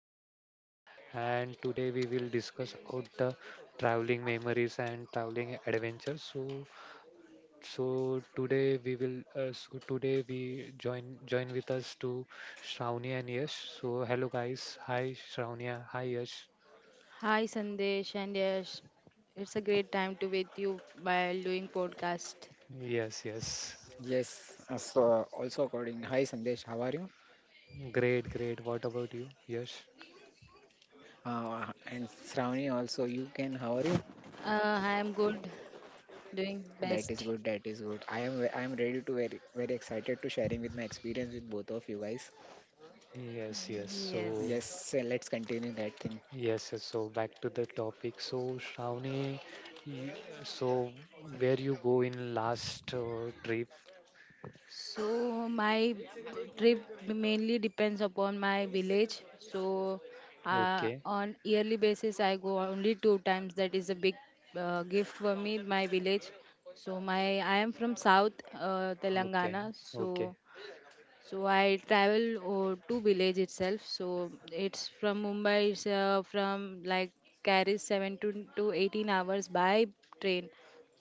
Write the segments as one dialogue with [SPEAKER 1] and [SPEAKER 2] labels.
[SPEAKER 1] Sandesh, and today we will discuss about the traveling memories and traveling adventures. So today we join with us to Shravani and Yash. So, hello guys, hi Shravania, hi Yash.
[SPEAKER 2] Hi Sandesh and Yash. It's a great time to with you by doing podcast.
[SPEAKER 1] Yes, yes,
[SPEAKER 3] Yes, so also according. Hi Sandesh, how are you?
[SPEAKER 1] great, great. What about you, Yash?
[SPEAKER 3] And Shravani also, you can. How are you?
[SPEAKER 2] Uh, I am good, doing
[SPEAKER 3] That is
[SPEAKER 2] best.
[SPEAKER 3] good. That is good. I am ready to very very excited to sharing with my experience with both of you guys.
[SPEAKER 1] Yes, yes. So.
[SPEAKER 2] Yes.
[SPEAKER 3] Yes, so let's continue that thing.
[SPEAKER 1] Yes, so back to the topic. So, Shravani, you, so where you go in last trip?
[SPEAKER 2] So my trip mainly depends upon my village. So
[SPEAKER 1] Okay,
[SPEAKER 2] on yearly basis, I go only two times. That is a big gift for me, my village. So my I am from South
[SPEAKER 1] okay,
[SPEAKER 2] Telangana.
[SPEAKER 1] okay,
[SPEAKER 2] So I travel to village itself. So it's from Mumbai. It's from like carries seven to 18 hours by train.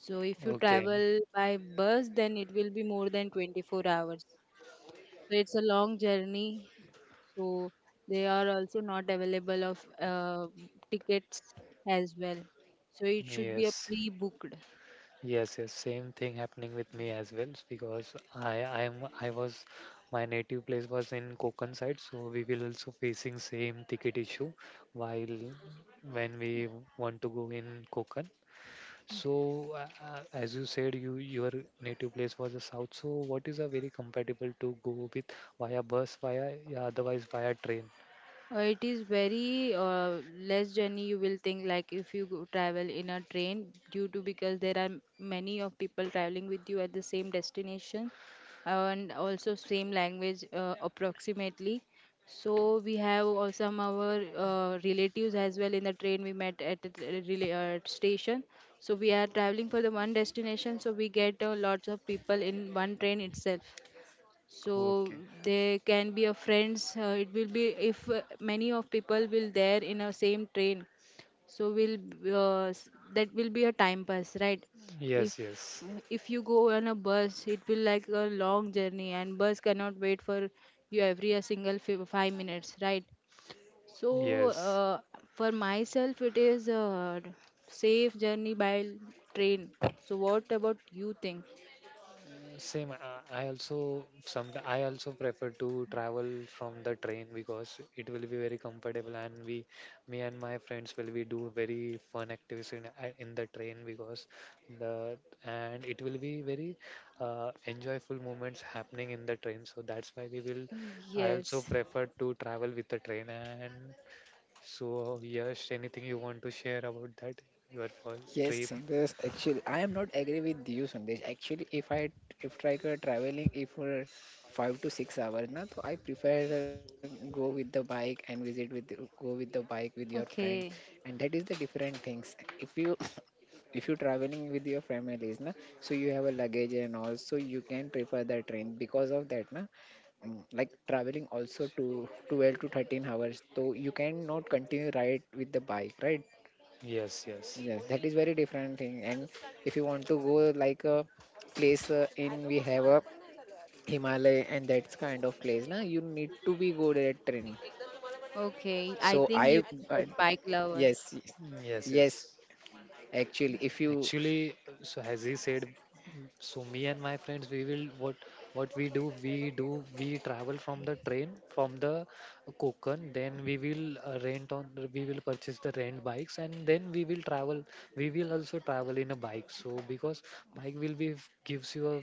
[SPEAKER 2] So if you
[SPEAKER 1] okay.
[SPEAKER 2] travel by bus, then it will be more than 24 hours. So it's a long journey. So they are also not available of tickets as well. So it should be a
[SPEAKER 1] Yes,
[SPEAKER 2] pre-booked.
[SPEAKER 1] yes, yes. Same thing happening with me as well because I, I'm, I was, my native place was in Konkan side, so we will also facing same ticket issue while when we want to go in Konkan. So, as you said, your native place was the south. So, what is a very compatible to go with via bus, via yeah, otherwise via train?
[SPEAKER 2] It is very less journey you will think like if you go travel in a train due to because there are many of people traveling with you at the same destination, and also same language, approximately. So we have some our relatives as well in the train. We met at the station. So we are traveling for the one destination, so we get lots of people in one train itself. So they can be a friends. It will be if many of people will there in a same train. so will that will be a time pass, right?
[SPEAKER 1] Yes,
[SPEAKER 2] If
[SPEAKER 1] yes,
[SPEAKER 2] you go on a bus, it will like a long journey, and bus cannot wait for you every a single 5 minutes, right? So
[SPEAKER 1] yes.
[SPEAKER 2] for myself it is a safe journey by train. So what about you think?
[SPEAKER 1] Same. I also some. I also prefer to travel from the train because it will be very comfortable, and me and my friends will be do very fun activities in the train because the and it will be very enjoyable moments happening in the train. So that's why we will. I also
[SPEAKER 2] Yes.
[SPEAKER 1] prefer to travel with the train. And so, yes, anything you want to share about that your first
[SPEAKER 3] Yes,
[SPEAKER 1] trip?
[SPEAKER 3] Sandesh. Actually, I am not agree with you, Sandesh. Actually, if I if try to traveling, if for 5 to 6 hours, na, so I prefer go with the bike and visit with go with the bike with your friends,
[SPEAKER 2] Okay.
[SPEAKER 3] and that is the different things. If you if you're traveling with your families, na, so you have a luggage and all, so you can prefer the train because of that, na. Like traveling also to 12 to 13 hours, so you cannot continue ride with the bike, right?
[SPEAKER 1] Yes, yes.
[SPEAKER 3] Yes, that is very different thing, and if you want to go like a place, in we have a Himalaya and that's kind of place, na, you need to be go that train.
[SPEAKER 2] Okay,
[SPEAKER 3] So
[SPEAKER 2] I think
[SPEAKER 3] I
[SPEAKER 2] you a
[SPEAKER 3] uh,
[SPEAKER 2] bike lover.
[SPEAKER 3] yes,
[SPEAKER 1] Mm, yes,
[SPEAKER 3] yes,
[SPEAKER 1] yes.
[SPEAKER 3] actually if you
[SPEAKER 1] Actually, so as he said, m- So me and my friends, we will what we do, we do we travel from the train from the Konkan, then we will rent on we will purchase the rent bikes, and then we will travel. We will also travel in a bike. So because bike will be gives you a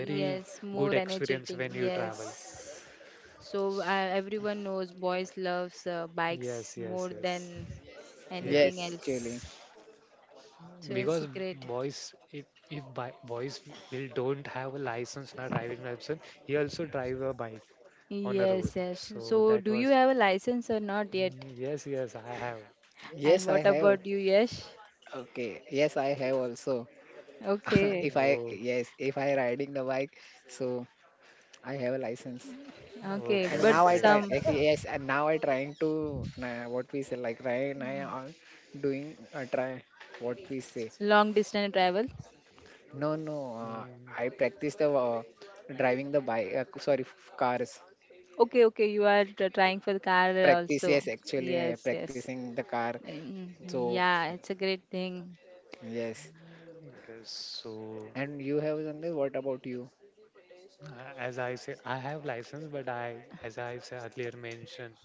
[SPEAKER 1] very good
[SPEAKER 2] more
[SPEAKER 1] experience
[SPEAKER 2] energetic.
[SPEAKER 1] when you travel.
[SPEAKER 2] Yes. So everyone knows boys loves bikes
[SPEAKER 1] Yes, yes,
[SPEAKER 2] more
[SPEAKER 1] yes,
[SPEAKER 2] than
[SPEAKER 3] yes,
[SPEAKER 1] yes,
[SPEAKER 2] anything
[SPEAKER 3] actually,
[SPEAKER 2] else. So it's
[SPEAKER 1] because
[SPEAKER 2] great.
[SPEAKER 1] boys if boys w- will don't have a license, not driving license, he also drive a bike on a
[SPEAKER 2] Yes,
[SPEAKER 1] road.
[SPEAKER 2] yes.
[SPEAKER 1] So
[SPEAKER 2] So
[SPEAKER 1] that
[SPEAKER 2] do you
[SPEAKER 1] was,
[SPEAKER 2] have a license or not yet?
[SPEAKER 1] mm, yes, yes, I have.
[SPEAKER 2] And
[SPEAKER 3] yes, I
[SPEAKER 2] what
[SPEAKER 3] have.
[SPEAKER 2] about you, Yash?
[SPEAKER 3] Okay. Yes, I have also.
[SPEAKER 2] Okay.
[SPEAKER 3] If I,
[SPEAKER 1] Oh,
[SPEAKER 3] yes, if I riding the bike, so I have a license.
[SPEAKER 2] Okay,
[SPEAKER 3] And
[SPEAKER 1] okay,
[SPEAKER 2] but
[SPEAKER 1] okay,
[SPEAKER 3] now I
[SPEAKER 1] great.
[SPEAKER 3] try,
[SPEAKER 2] some
[SPEAKER 3] yes, yes, and now I trying to, what we say, like right now I'm doing, what we say.
[SPEAKER 2] long distance travel.
[SPEAKER 3] No, no,
[SPEAKER 1] Mm,
[SPEAKER 3] I practice the, driving the bike, sorry, cars.
[SPEAKER 2] Okay, okay, you are trying for the car
[SPEAKER 3] Practice, yes,
[SPEAKER 2] also.
[SPEAKER 3] actually,
[SPEAKER 2] Yes, yes.
[SPEAKER 3] practicing the car.
[SPEAKER 2] Mm,
[SPEAKER 3] So,
[SPEAKER 2] yeah, it's a great thing.
[SPEAKER 3] yes.
[SPEAKER 1] okay, so
[SPEAKER 3] And you have, Sandeep, what about you?
[SPEAKER 1] as I said I have license but I, as I said earlier mentioned,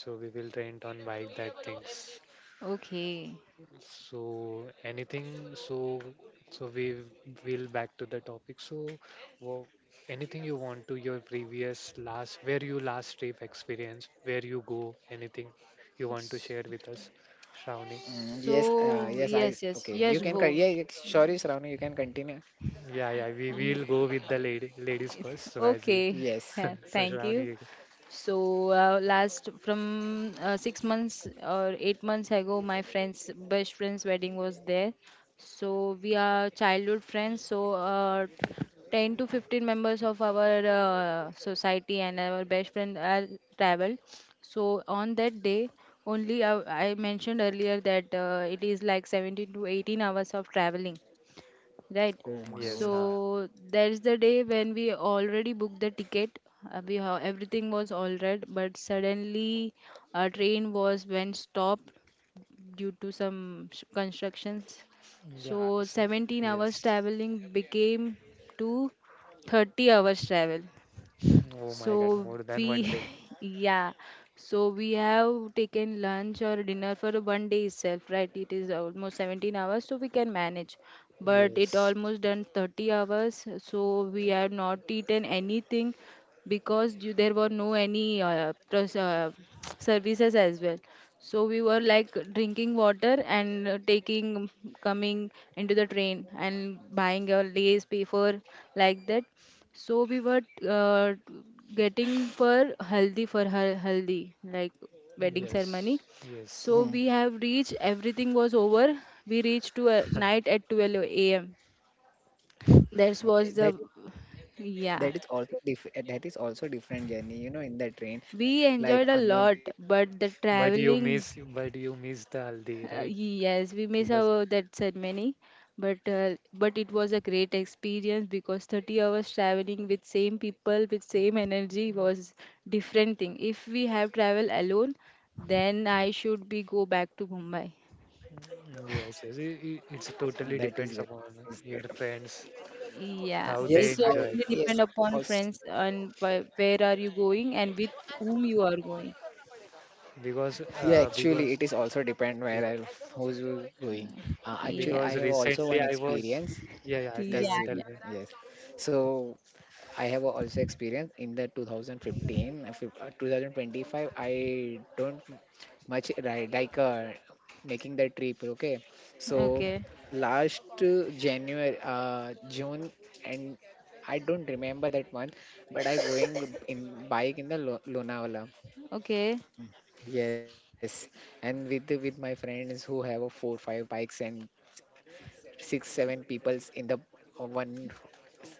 [SPEAKER 1] so we will rent on bike that things.
[SPEAKER 2] Okay.
[SPEAKER 1] So anything, so so we will back to the topic. So, wo- anything you want to your previous last, where you last trip experience, where you go, anything you want to
[SPEAKER 2] S-
[SPEAKER 1] share with us, Shravani.
[SPEAKER 3] Yes,
[SPEAKER 2] So,
[SPEAKER 3] yes, I
[SPEAKER 2] yes, yes,
[SPEAKER 3] okay. You
[SPEAKER 2] yes,
[SPEAKER 3] can cut.
[SPEAKER 2] go.
[SPEAKER 3] Yeah, yeah, sure, is Ravani, you can continue.
[SPEAKER 1] Yeah, yeah, we will
[SPEAKER 2] Y-
[SPEAKER 1] go with the ladies first. So as we,
[SPEAKER 2] Okay.
[SPEAKER 3] Yes.
[SPEAKER 2] Yeah,
[SPEAKER 1] so
[SPEAKER 2] thank
[SPEAKER 1] Shravani,
[SPEAKER 2] you.
[SPEAKER 1] you can-.
[SPEAKER 2] So last from 6 months or 8 months ago, my friend's best friend's wedding was there. So we are childhood friends. So 10 to 15 members of our society and our best friend are traveled. So on that day, only I mentioned earlier that it is like 17 to 18 hours of traveling, right?
[SPEAKER 3] Oh
[SPEAKER 1] Mm,
[SPEAKER 3] my
[SPEAKER 1] yes,
[SPEAKER 3] God.
[SPEAKER 1] huh.
[SPEAKER 2] So there's the day when we already booked the ticket. We have, everything was all right, but suddenly a train was went stopped due to some constructions.
[SPEAKER 1] Yeah,
[SPEAKER 2] So
[SPEAKER 1] so,
[SPEAKER 2] 17 hours
[SPEAKER 1] yes.
[SPEAKER 2] traveling became to 30 hours travel.
[SPEAKER 1] Oh my God,
[SPEAKER 2] So
[SPEAKER 1] more than one
[SPEAKER 2] we,
[SPEAKER 1] day.
[SPEAKER 2] yeah, so we have taken lunch or dinner for one day itself, right? It is almost 17 hours, so we can manage. But it
[SPEAKER 1] Yes,
[SPEAKER 2] almost done 30 hours, so we have not eaten anything because you, there were no any services as well. So we were like drinking water and taking, coming into the train and buying a lace paper like that. So we were uh, getting for haldi for her haldi like wedding ceremony.
[SPEAKER 1] yes, yes.
[SPEAKER 2] So
[SPEAKER 3] Hmm.
[SPEAKER 2] we have reached. Everything was over. We reached to night at 12 a.m. That
[SPEAKER 3] Okay.
[SPEAKER 2] was
[SPEAKER 3] That
[SPEAKER 2] the
[SPEAKER 3] is
[SPEAKER 2] yeah.
[SPEAKER 3] that is also diff uh, that is also different journey. You know, in the train,
[SPEAKER 2] We
[SPEAKER 3] like
[SPEAKER 2] enjoyed a
[SPEAKER 3] unknown people.
[SPEAKER 2] lot, but the traveling.
[SPEAKER 1] But you miss the Haldi, right?
[SPEAKER 2] Yes, we miss
[SPEAKER 1] Because,
[SPEAKER 2] our that ceremony, but it was a great experience because 30 hours traveling with same people with same energy was different thing. If we have travel alone, then I should be go back to Mumbai.
[SPEAKER 1] mm, yes, yes, it's totally
[SPEAKER 3] That is
[SPEAKER 1] depends
[SPEAKER 3] great.
[SPEAKER 1] upon your friends
[SPEAKER 2] Yeah,
[SPEAKER 1] how they
[SPEAKER 3] Yes,
[SPEAKER 2] it's so
[SPEAKER 3] I
[SPEAKER 1] enjoy.
[SPEAKER 2] only
[SPEAKER 3] yes.
[SPEAKER 2] depend upon
[SPEAKER 3] Also,
[SPEAKER 2] friends and where are you going and with whom you are going.
[SPEAKER 1] Because
[SPEAKER 3] yeah,
[SPEAKER 1] uh,
[SPEAKER 3] actually,
[SPEAKER 1] because
[SPEAKER 3] it is also depend
[SPEAKER 1] yeah,
[SPEAKER 3] where I who's you going. Actually,
[SPEAKER 2] Yeah,
[SPEAKER 3] I
[SPEAKER 1] because
[SPEAKER 3] have also
[SPEAKER 1] recently
[SPEAKER 3] one
[SPEAKER 1] I was,
[SPEAKER 3] experience.
[SPEAKER 1] yeah, yeah, tell
[SPEAKER 2] yeah,
[SPEAKER 1] me,
[SPEAKER 3] Yes,
[SPEAKER 1] tell
[SPEAKER 3] you.
[SPEAKER 2] yeah.
[SPEAKER 1] me,
[SPEAKER 3] Yes. So I have also experience in the 2015, 2025. I don't much right like making the trip, okay, so
[SPEAKER 2] Okay,
[SPEAKER 3] last january june, and I don't remember that month, but I going in bike in the Lonavala.
[SPEAKER 2] okay.
[SPEAKER 3] Yes. And with my friends who have a four five bikes and six seven peoples in the one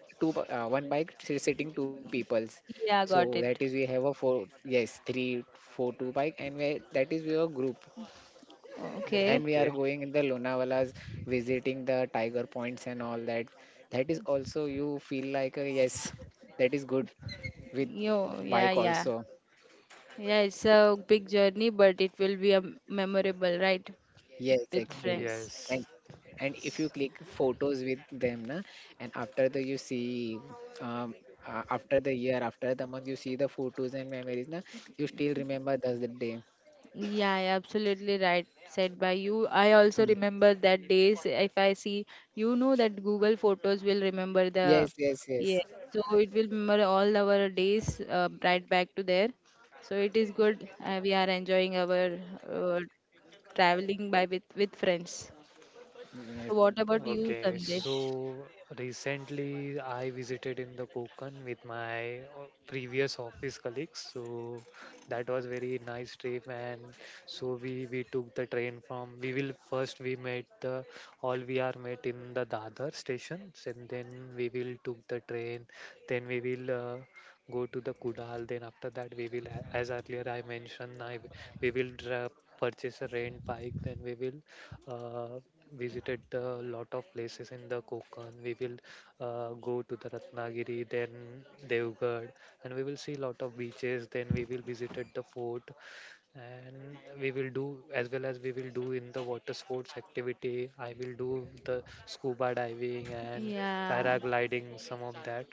[SPEAKER 3] two one bike sitting two peoples,
[SPEAKER 2] Yeah,
[SPEAKER 3] so that
[SPEAKER 2] got it.
[SPEAKER 3] is we have a four yes three four two bike, and we, that is we are group. And
[SPEAKER 2] Okay.
[SPEAKER 3] we are
[SPEAKER 1] okay,
[SPEAKER 3] going in the Lonavala's, visiting the tiger points and all that. That is also you feel like yes, that is good with
[SPEAKER 2] Yo, yeah,
[SPEAKER 3] bike
[SPEAKER 2] yeah.
[SPEAKER 3] also.
[SPEAKER 2] Yeah, it's a big journey, but it will be a memorable, right?
[SPEAKER 3] Yes,
[SPEAKER 2] With
[SPEAKER 3] actually.
[SPEAKER 2] friends.
[SPEAKER 1] yes.
[SPEAKER 3] And and if you click photos with them, na, and after the you see, um, after the year, after the month, you see the photos and memories, na, you still remember those the day.
[SPEAKER 2] Yeah, yeah, absolutely right. Said by you. I also
[SPEAKER 3] Hmm.
[SPEAKER 2] remember that days. If I see, you know that Google Photos will remember the.
[SPEAKER 3] Yes, yes,
[SPEAKER 2] Yeah,
[SPEAKER 3] yes.
[SPEAKER 2] so it will remember all our days right back to there. So it is good. We are enjoying our uh, traveling by with friends.
[SPEAKER 3] Yes,
[SPEAKER 2] So what about you,
[SPEAKER 1] Okay,
[SPEAKER 2] Sandesh?
[SPEAKER 1] so recently I visited in the Konkan with my previous office colleagues. So that was very nice trip, and so we took the train from. We will first we met the all we are met in the Dadar stations, and then we will took the train. Then we will go to the Kudal. Then after that as earlier I mentioned, I we will dra- purchase a rent bike. Then we will. Uh, Visited a lot of places in the Konkan. We will go to the Ratnagiri, then Devgarh, and we will see lot of beaches. Then we will visited the fort, and we will do, as well as we will do in the water sports activity, I will do the scuba diving and
[SPEAKER 2] Yeah.
[SPEAKER 1] paragliding, some of that.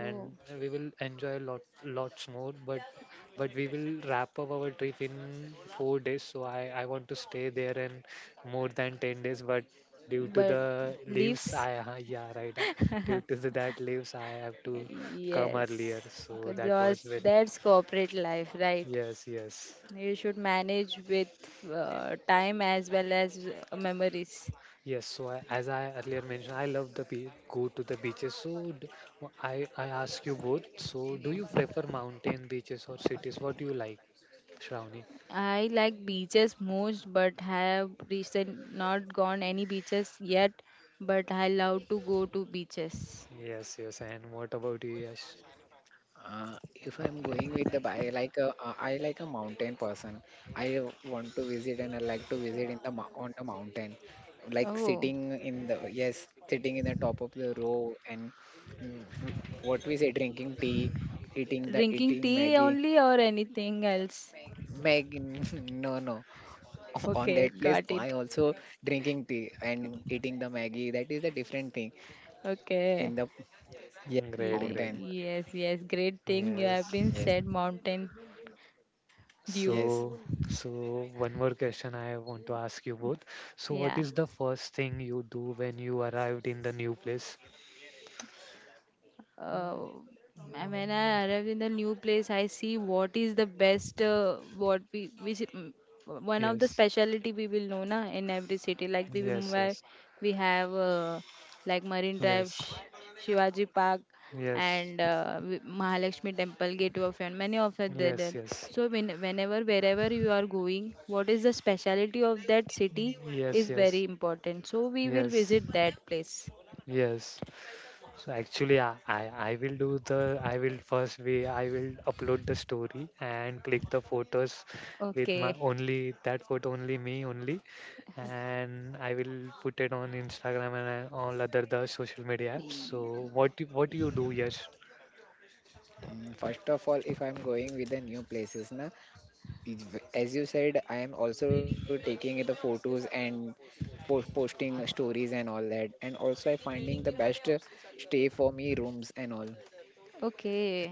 [SPEAKER 2] Oh.
[SPEAKER 1] we will enjoy lot lots more, but we will wrap up our trip in 4 days. So I want to stay there and more than 10 days, but due to
[SPEAKER 2] But
[SPEAKER 1] the leaves
[SPEAKER 2] leaves,
[SPEAKER 1] I, yeah right, due to the, that leaves I have to come
[SPEAKER 2] yes.
[SPEAKER 1] earlier. So that was
[SPEAKER 2] Because
[SPEAKER 1] very,
[SPEAKER 2] that's corporate life, right?
[SPEAKER 1] yes, yes.
[SPEAKER 2] You should manage with time as well as memories.
[SPEAKER 1] Yes, so I, as I earlier mentioned, I love the be go to the beaches. So I ask you both. So do you prefer mountain, beaches, or cities? What do you like, Shravani?
[SPEAKER 2] I like beaches most, but have recent not gone any beaches yet, but I love to go to beaches.
[SPEAKER 1] Yes, yes. And what about you, Yash?
[SPEAKER 3] Uh, if I'm going with the bi like I like a mountain person. I want to visit and I like to visit in the on the mountain, like
[SPEAKER 2] Oh.
[SPEAKER 3] sitting in the yes, sitting in the top of the row and mm, w- what we say, drinking tea, eating the
[SPEAKER 2] Drinking
[SPEAKER 3] eating
[SPEAKER 2] tea
[SPEAKER 3] Maggie.
[SPEAKER 2] only or anything else?
[SPEAKER 3] Maggie, no, no. On that
[SPEAKER 2] Okay,
[SPEAKER 3] place, I
[SPEAKER 2] got it.
[SPEAKER 3] also drinking tea and eating the Maggie. That is a different thing in the
[SPEAKER 2] Okay.
[SPEAKER 3] yes,
[SPEAKER 1] Mm, great,
[SPEAKER 3] mountain.
[SPEAKER 1] great.
[SPEAKER 2] Yes, yes, great thing you have
[SPEAKER 1] Yes.
[SPEAKER 2] been
[SPEAKER 3] Yes,
[SPEAKER 2] said, Mountain Dew.
[SPEAKER 3] yes.
[SPEAKER 1] So, so, one more question I want to ask you both. So what
[SPEAKER 2] Yeah,
[SPEAKER 1] is the first thing you do when you arrived in the new place?
[SPEAKER 2] uh, and when I arrive in the new place, I see what is the best, what we which mm, one of the
[SPEAKER 1] Yes,
[SPEAKER 2] specialty we will know na in every city. Like we
[SPEAKER 1] yes,
[SPEAKER 2] Mumbai,
[SPEAKER 1] yes,
[SPEAKER 2] we have like Marine Drive,
[SPEAKER 1] yes,
[SPEAKER 2] Shivaji Park,
[SPEAKER 1] yes,
[SPEAKER 2] and Mahalakshmi Temple, Gateway of Heaven. Many of it there.
[SPEAKER 1] yes,
[SPEAKER 2] there.
[SPEAKER 1] yes.
[SPEAKER 2] So when, whenever wherever you are going, what is the specialty of that city
[SPEAKER 1] Yes,
[SPEAKER 2] is
[SPEAKER 1] yes,
[SPEAKER 2] very important. So we will
[SPEAKER 1] yes,
[SPEAKER 2] visit that place.
[SPEAKER 1] yes. So actually, I will do the I will first we I will upload the story and click the photos with my
[SPEAKER 2] Okay.
[SPEAKER 1] only that photo only me only, and I will put it on Instagram and all other the social media apps. So what you do? Yes.
[SPEAKER 3] First of all, if I'm going with the new places, na, as you said, I am also taking the photos and posting stories and all that. And also, I finding the best stay for me rooms and all
[SPEAKER 2] Okay,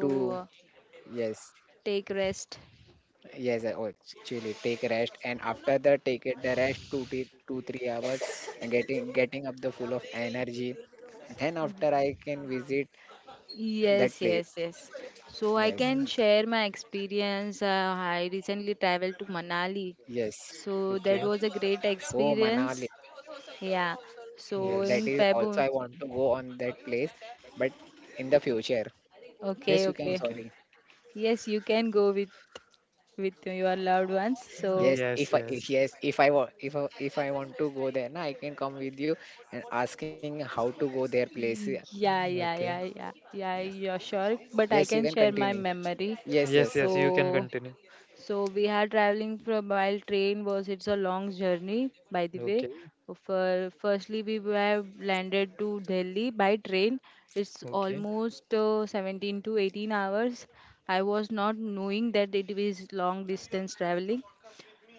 [SPEAKER 3] to yes,
[SPEAKER 2] take rest.
[SPEAKER 3] yes, actually take rest and after that take it the rest two three two three hours and getting up the full of energy. Then after I can visit that
[SPEAKER 2] Yes,
[SPEAKER 3] place.
[SPEAKER 2] yes, yes. So I
[SPEAKER 3] Yes,
[SPEAKER 2] can share my experience. I recently traveled to Manali.
[SPEAKER 3] yes.
[SPEAKER 2] So that
[SPEAKER 1] Okay.
[SPEAKER 2] was a great
[SPEAKER 3] Oh, Manali.
[SPEAKER 2] experience. Yeah. So
[SPEAKER 3] Yeah, that
[SPEAKER 2] in
[SPEAKER 1] Yes.
[SPEAKER 3] is also
[SPEAKER 2] February.
[SPEAKER 3] I want to go on that place, but in the future. Yes,
[SPEAKER 2] Okay,
[SPEAKER 3] you can.
[SPEAKER 2] okay.
[SPEAKER 1] Okay.
[SPEAKER 3] Sorry.
[SPEAKER 2] Yes, you can go with your loved ones.
[SPEAKER 3] Yes,
[SPEAKER 2] So
[SPEAKER 3] if I
[SPEAKER 1] Yes.
[SPEAKER 3] if,
[SPEAKER 1] Yes.
[SPEAKER 3] yes, if I wa- if I want to go there, na, I can come with you and asking how to go their place. Yeah.
[SPEAKER 2] yeah, yeah,
[SPEAKER 1] Okay.
[SPEAKER 2] yeah, yeah,
[SPEAKER 3] Yes,
[SPEAKER 2] yeah, you're sure. But
[SPEAKER 3] yes,
[SPEAKER 2] I
[SPEAKER 3] you can
[SPEAKER 2] can share
[SPEAKER 3] continue.
[SPEAKER 2] my memory.
[SPEAKER 3] Yes, yes,
[SPEAKER 1] Yes.
[SPEAKER 2] So
[SPEAKER 1] Yes. You can continue.
[SPEAKER 2] So we are traveling from while train was it's a long journey by the way.
[SPEAKER 1] Okay,
[SPEAKER 2] For, firstly, we were landed to Delhi by train. It's
[SPEAKER 1] okay.
[SPEAKER 2] almost 17 to 18 hours. I was not knowing that it is long distance traveling.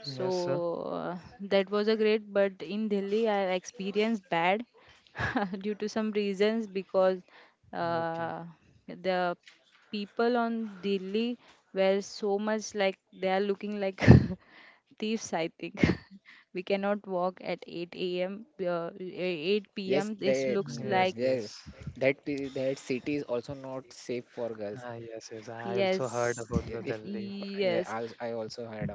[SPEAKER 2] So
[SPEAKER 1] Yes, sir.
[SPEAKER 2] that was a great, but in Delhi I experienced bad due to some reasons because
[SPEAKER 1] Okay.
[SPEAKER 2] uh, the people on Delhi were so much like they are looking like thieves, I think. We cannot walk at 8 a.m. 8
[SPEAKER 3] yes.
[SPEAKER 2] p.m. This
[SPEAKER 3] They
[SPEAKER 2] looks
[SPEAKER 1] Yes,
[SPEAKER 2] like
[SPEAKER 3] yes,
[SPEAKER 1] yes.
[SPEAKER 3] that city is also not safe for girls.
[SPEAKER 1] Ah, yes, yes. Ah, I also heard
[SPEAKER 2] yes,
[SPEAKER 1] about
[SPEAKER 3] Yeah,
[SPEAKER 1] the
[SPEAKER 3] If
[SPEAKER 1] Delhi.
[SPEAKER 3] yeah,
[SPEAKER 2] yes.
[SPEAKER 3] I also heard about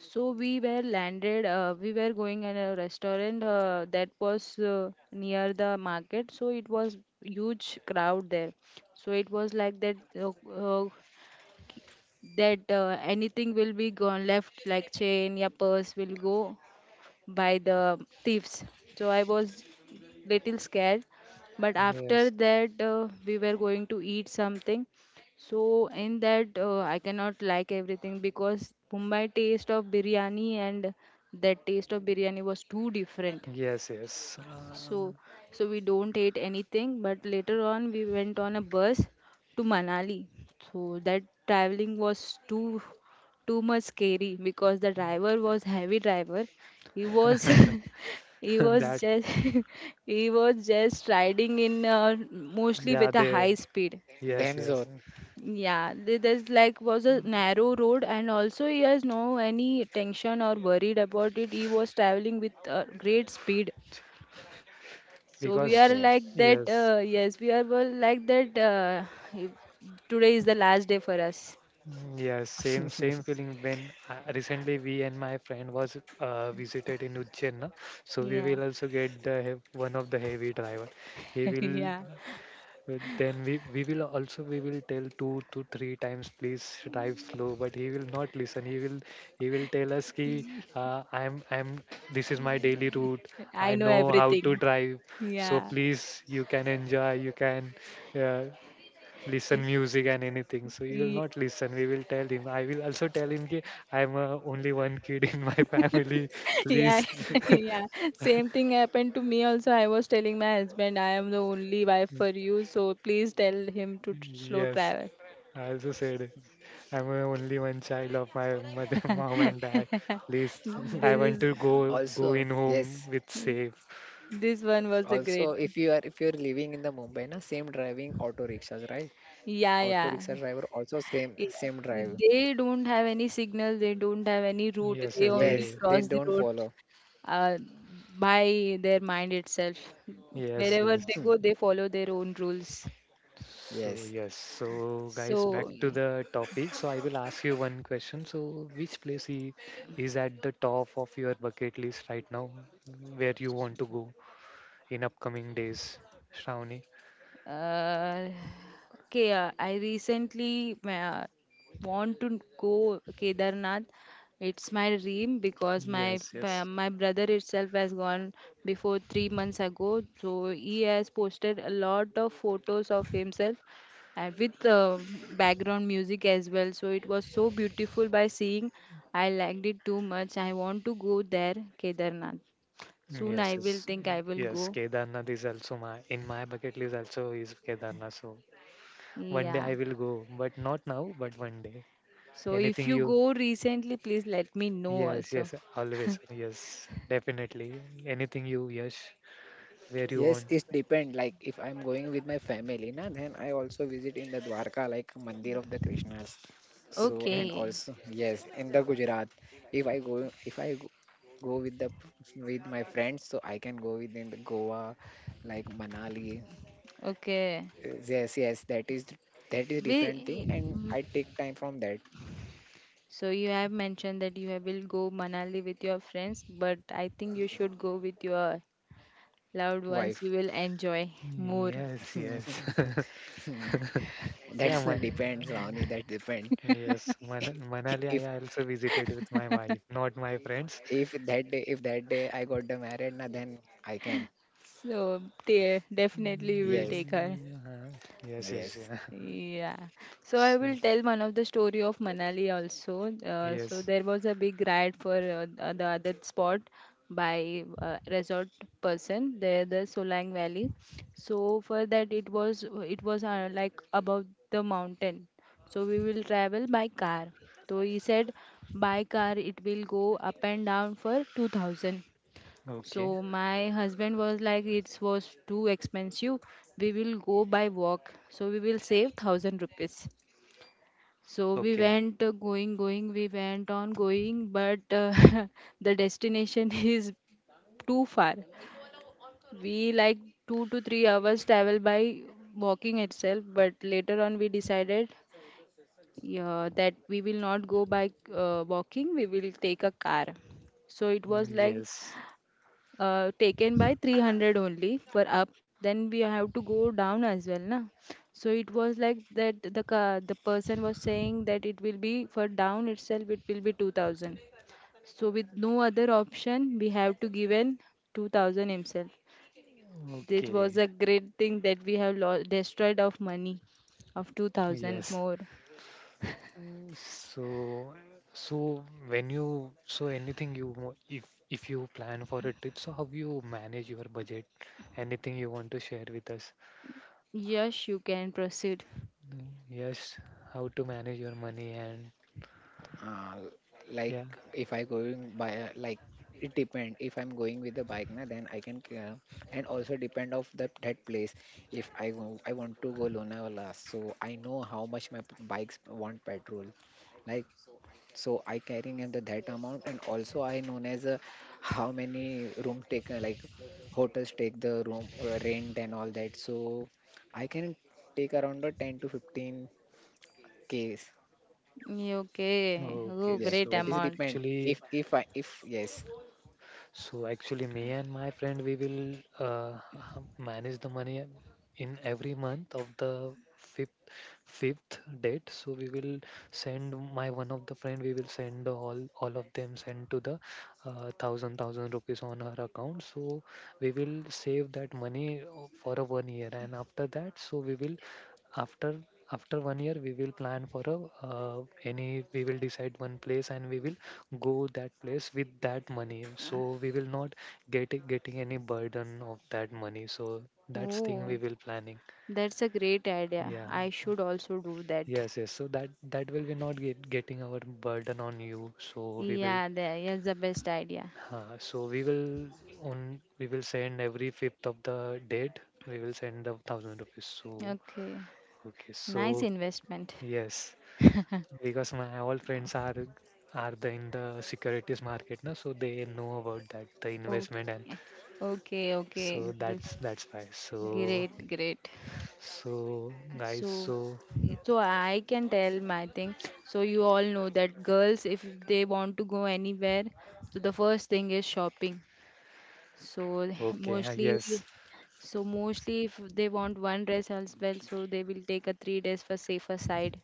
[SPEAKER 2] So we were landed, we were going in a restaurant that was near the market. So it was huge crowd there. So it was like that anything will be gone left like chain, yeah, purse will go by the thieves. So I was little scared. But after
[SPEAKER 1] Yes,
[SPEAKER 2] that, we were going to eat something. So in that, I cannot like everything because Mumbai taste of biryani and that taste of biryani was too different.
[SPEAKER 1] yes, yes.
[SPEAKER 2] So, so we don't ate anything. But later on, we went on a bus to Manali. So that traveling was too much scary because the driver was heavy driver. He was he was
[SPEAKER 1] That,
[SPEAKER 2] just he was just riding in mostly
[SPEAKER 1] yeah,
[SPEAKER 2] with a
[SPEAKER 1] they,
[SPEAKER 2] high speed.
[SPEAKER 1] yes,
[SPEAKER 3] them
[SPEAKER 1] yes.
[SPEAKER 3] zone.
[SPEAKER 2] Yeah, there's like was a narrow road, and also he has no any tension or worried about it. He was traveling with great speed. So we are
[SPEAKER 1] Because,
[SPEAKER 3] Okay.
[SPEAKER 2] like that.
[SPEAKER 1] yes,
[SPEAKER 2] Yes, we are well like that. If- Today is the last day for us.
[SPEAKER 1] mm, yes, same feeling when recently we and my friend was visited in Ujjain, na? So we
[SPEAKER 2] Yeah.
[SPEAKER 1] will also get the hev- one of the heavy driver. He will.
[SPEAKER 2] Yeah.
[SPEAKER 1] Then we will also we will tell two to three times please drive slow, but he will not listen. He will, he will tell us ki, I'm this is my daily route, I
[SPEAKER 2] I know
[SPEAKER 1] know how to
[SPEAKER 2] everything.
[SPEAKER 1] drive, so
[SPEAKER 2] Yeah.
[SPEAKER 1] please you can enjoy, you can uh, listen
[SPEAKER 2] Y-
[SPEAKER 1] music and anything. So he will
[SPEAKER 2] y-
[SPEAKER 1] not listen. We will tell him. I will also tell him ki, I'm only one kid in my family,
[SPEAKER 2] Yeah.
[SPEAKER 1] please.
[SPEAKER 2] Yeah. Same thing happened to me also. I was telling my husband, I am the only wife for you, so please tell him to slow
[SPEAKER 1] Yes,
[SPEAKER 2] travel.
[SPEAKER 1] I also said it. I'm a only one child of my mother, mom, and dad. Please, I
[SPEAKER 2] This
[SPEAKER 1] want
[SPEAKER 2] is
[SPEAKER 1] to go go
[SPEAKER 3] Also,
[SPEAKER 1] in home
[SPEAKER 3] yes.
[SPEAKER 1] with safe.
[SPEAKER 2] this one was the great.
[SPEAKER 3] Also, if you're living in the Mumbai, na, same driving auto rickshaws, right?
[SPEAKER 2] Yeah,
[SPEAKER 3] Auto
[SPEAKER 2] yeah.
[SPEAKER 3] rickshaw driver also same
[SPEAKER 2] Yeah,
[SPEAKER 3] same drive.
[SPEAKER 2] they don't have any signal, they don't have any route,
[SPEAKER 1] Yes,
[SPEAKER 2] they
[SPEAKER 1] yes,
[SPEAKER 2] only
[SPEAKER 1] they.
[SPEAKER 3] Yes, they
[SPEAKER 2] cross the
[SPEAKER 3] don't
[SPEAKER 2] road
[SPEAKER 3] follow.
[SPEAKER 2] uh, by their mind itself.
[SPEAKER 1] Yes,
[SPEAKER 2] Wherever
[SPEAKER 1] yes.
[SPEAKER 2] they go,
[SPEAKER 3] Hmm.
[SPEAKER 2] they follow their own rules.
[SPEAKER 1] So
[SPEAKER 3] Yes,
[SPEAKER 1] yes, so guys, back
[SPEAKER 2] So,
[SPEAKER 1] to
[SPEAKER 2] yeah.
[SPEAKER 1] the topic. So I will ask you one question. So which place I- is at the top of your bucket list right now, where you want to go in upcoming days, Shravani?
[SPEAKER 2] Uh, okay, I recently want to go Kedarnath. It's my dream because my
[SPEAKER 1] Yes, yes.
[SPEAKER 2] my brother itself has gone before 3 months ago. So he has posted a lot of photos of himself and with background music as well. So it was so beautiful by seeing. I liked it too much. I want to go there, Kedarnath. Soon
[SPEAKER 1] Yes,
[SPEAKER 2] I will
[SPEAKER 1] yes,
[SPEAKER 2] think I will
[SPEAKER 1] yes.
[SPEAKER 2] go.
[SPEAKER 1] Kedarnath is also my in my bucket list. Also is Kedarnath. So one day
[SPEAKER 2] Yeah.
[SPEAKER 1] I will go, but not now, but one day.
[SPEAKER 2] So if
[SPEAKER 1] Anything
[SPEAKER 2] you
[SPEAKER 1] you,
[SPEAKER 2] go recently, please let me know
[SPEAKER 1] yes,
[SPEAKER 2] also.
[SPEAKER 1] yes, always, yes, definitely. Anything you, yes, where you
[SPEAKER 3] yes,
[SPEAKER 1] want.
[SPEAKER 3] it depend. Like if I'm going with my family, na, then I also visit in the Dwarka, like Mandir of the Krishnas. So
[SPEAKER 1] Okay.
[SPEAKER 3] and
[SPEAKER 2] Okay,
[SPEAKER 3] also yes, in the Gujarat, if I go go with the with my friends, so I can go within the Goa, like Manali.
[SPEAKER 2] okay.
[SPEAKER 3] Yes, yes, that is
[SPEAKER 2] We
[SPEAKER 3] different thing, and
[SPEAKER 2] w-
[SPEAKER 3] I take time from that
[SPEAKER 2] so you have mentioned that you will go Manali with your friends, but I think you should go with your loved ones. You
[SPEAKER 3] wife.
[SPEAKER 2] will enjoy more.
[SPEAKER 1] Yes, yes. Yeah,
[SPEAKER 3] That's the
[SPEAKER 1] Man
[SPEAKER 3] depends, Ronnie. That depends.
[SPEAKER 1] yes, Man,
[SPEAKER 3] If
[SPEAKER 1] Manali I also visited with my wife, not my
[SPEAKER 3] if
[SPEAKER 1] friends.
[SPEAKER 3] that day if that day I got the married, na, then I can.
[SPEAKER 2] So definitely you will
[SPEAKER 3] Yes,
[SPEAKER 2] take her.
[SPEAKER 1] Mm, yes, yes,
[SPEAKER 3] yes.
[SPEAKER 1] yeah.
[SPEAKER 2] Yeah. So I
[SPEAKER 1] So,
[SPEAKER 2] will tell one of the story of Manali also. So
[SPEAKER 1] yes.
[SPEAKER 2] there was a big riot for the the other spot by resort person there the Solang Valley. So for that it was like above the mountain. So we will travel by car. So he said by car it will go up and down for 2000.
[SPEAKER 1] Okay,
[SPEAKER 2] So my husband was like, it was too expensive. We will go by walk. So we will save thousand rupees. So we
[SPEAKER 1] okay.
[SPEAKER 2] went going. We went on going, but the destination is too far. We like 2 to 3 hours travel by walking itself. But later on, we decided yeah, that we will not go by walking. We will take a car. So it was
[SPEAKER 1] Mm,
[SPEAKER 2] like
[SPEAKER 1] yes.
[SPEAKER 2] taken by 300 only for up, then we have to go down as well na. So it was like that the person was saying that it will be for down itself it will be 2000. So with no other option we have to given 2000 himself. This was
[SPEAKER 1] Okay,
[SPEAKER 2] a great thing that we have lost destroyed of money of 2000
[SPEAKER 1] yes.
[SPEAKER 2] more.
[SPEAKER 1] Uh, So, so, when you, so anything you, wa- if you plan for a trip, so how you manage your budget? Anything you want to share with us?
[SPEAKER 2] Yes, you can proceed.
[SPEAKER 1] Mm, yes, how to manage your money, and
[SPEAKER 3] uh, like,
[SPEAKER 1] yeah.
[SPEAKER 3] if I going by like, it depend if I'm going with the bike, na, then I can, and also depend of the that place. If I go, I want to go lonavala, so I know how much my bikes want petrol, like, so I carrying at the that amount, and also I known as how many room take, like, hotels take the room rent and all that, so I can take around the 10 to 15 k.
[SPEAKER 2] Okay. Oh,
[SPEAKER 1] Okay,
[SPEAKER 3] Yes,
[SPEAKER 2] great
[SPEAKER 3] that
[SPEAKER 1] so
[SPEAKER 3] is
[SPEAKER 2] amount.
[SPEAKER 3] depend.
[SPEAKER 1] actually,
[SPEAKER 3] If I if yes,
[SPEAKER 1] so actually, me and my friend, we will manage the money in every month of the fifth date. So we will send my one of the friend. We will send all of them send to the thousand rupees on her account. So we will save that money for a one year, and after that, so we will after after one year we will plan for a any we will decide one place, and we will go that place with that money, so we will not get it- getting any burden of that money. So that's thing we
[SPEAKER 2] Oh,
[SPEAKER 1] will planning.
[SPEAKER 2] that's a great idea.
[SPEAKER 1] Yeah,
[SPEAKER 2] I should also do that.
[SPEAKER 1] yes, yes, so that that will be not get, getting our burden on you. So we will
[SPEAKER 2] Yeah, that is the best idea.
[SPEAKER 1] so we will on we will send every fifth of the date, we will send the thousand rupees. So
[SPEAKER 2] Okay.
[SPEAKER 1] okay, so
[SPEAKER 2] Nice investment.
[SPEAKER 1] yes, because my all friends are the, in the securities market now, so they know about that the investment, and
[SPEAKER 2] Okay. Okay,
[SPEAKER 1] so
[SPEAKER 2] okay. This
[SPEAKER 1] that's why so.
[SPEAKER 2] great, great.
[SPEAKER 1] So guys,
[SPEAKER 2] So
[SPEAKER 1] so
[SPEAKER 2] so I can tell my thing. So you all know that girls if they want to go anywhere, so the first thing is shopping. So
[SPEAKER 1] okay,
[SPEAKER 2] mostly
[SPEAKER 1] yes,
[SPEAKER 2] so mostly if they want one dress as well, so they will take a 3 days for safer side.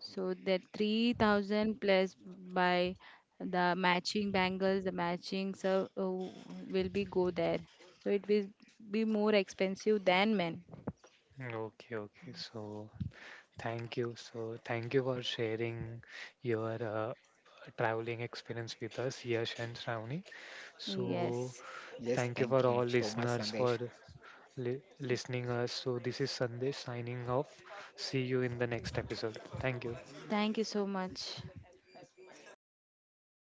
[SPEAKER 2] So that 3,000 plus by the matching bangles, the matching so oh, will be go there. So it will be more expensive than men.
[SPEAKER 1] okay, okay. So thank you, so thank you for sharing your traveling experience with us, Yash and Shravani. So
[SPEAKER 2] Yes.
[SPEAKER 3] yes,
[SPEAKER 1] thank
[SPEAKER 3] thank
[SPEAKER 1] you
[SPEAKER 3] you
[SPEAKER 1] for all
[SPEAKER 3] so much,
[SPEAKER 1] listeners
[SPEAKER 3] Sandesh.
[SPEAKER 1] for li- listening us. So this is Sandesh signing off. See you in the next episode, thank you.
[SPEAKER 2] Thank you so much.
[SPEAKER 3] Thank you, Shravan,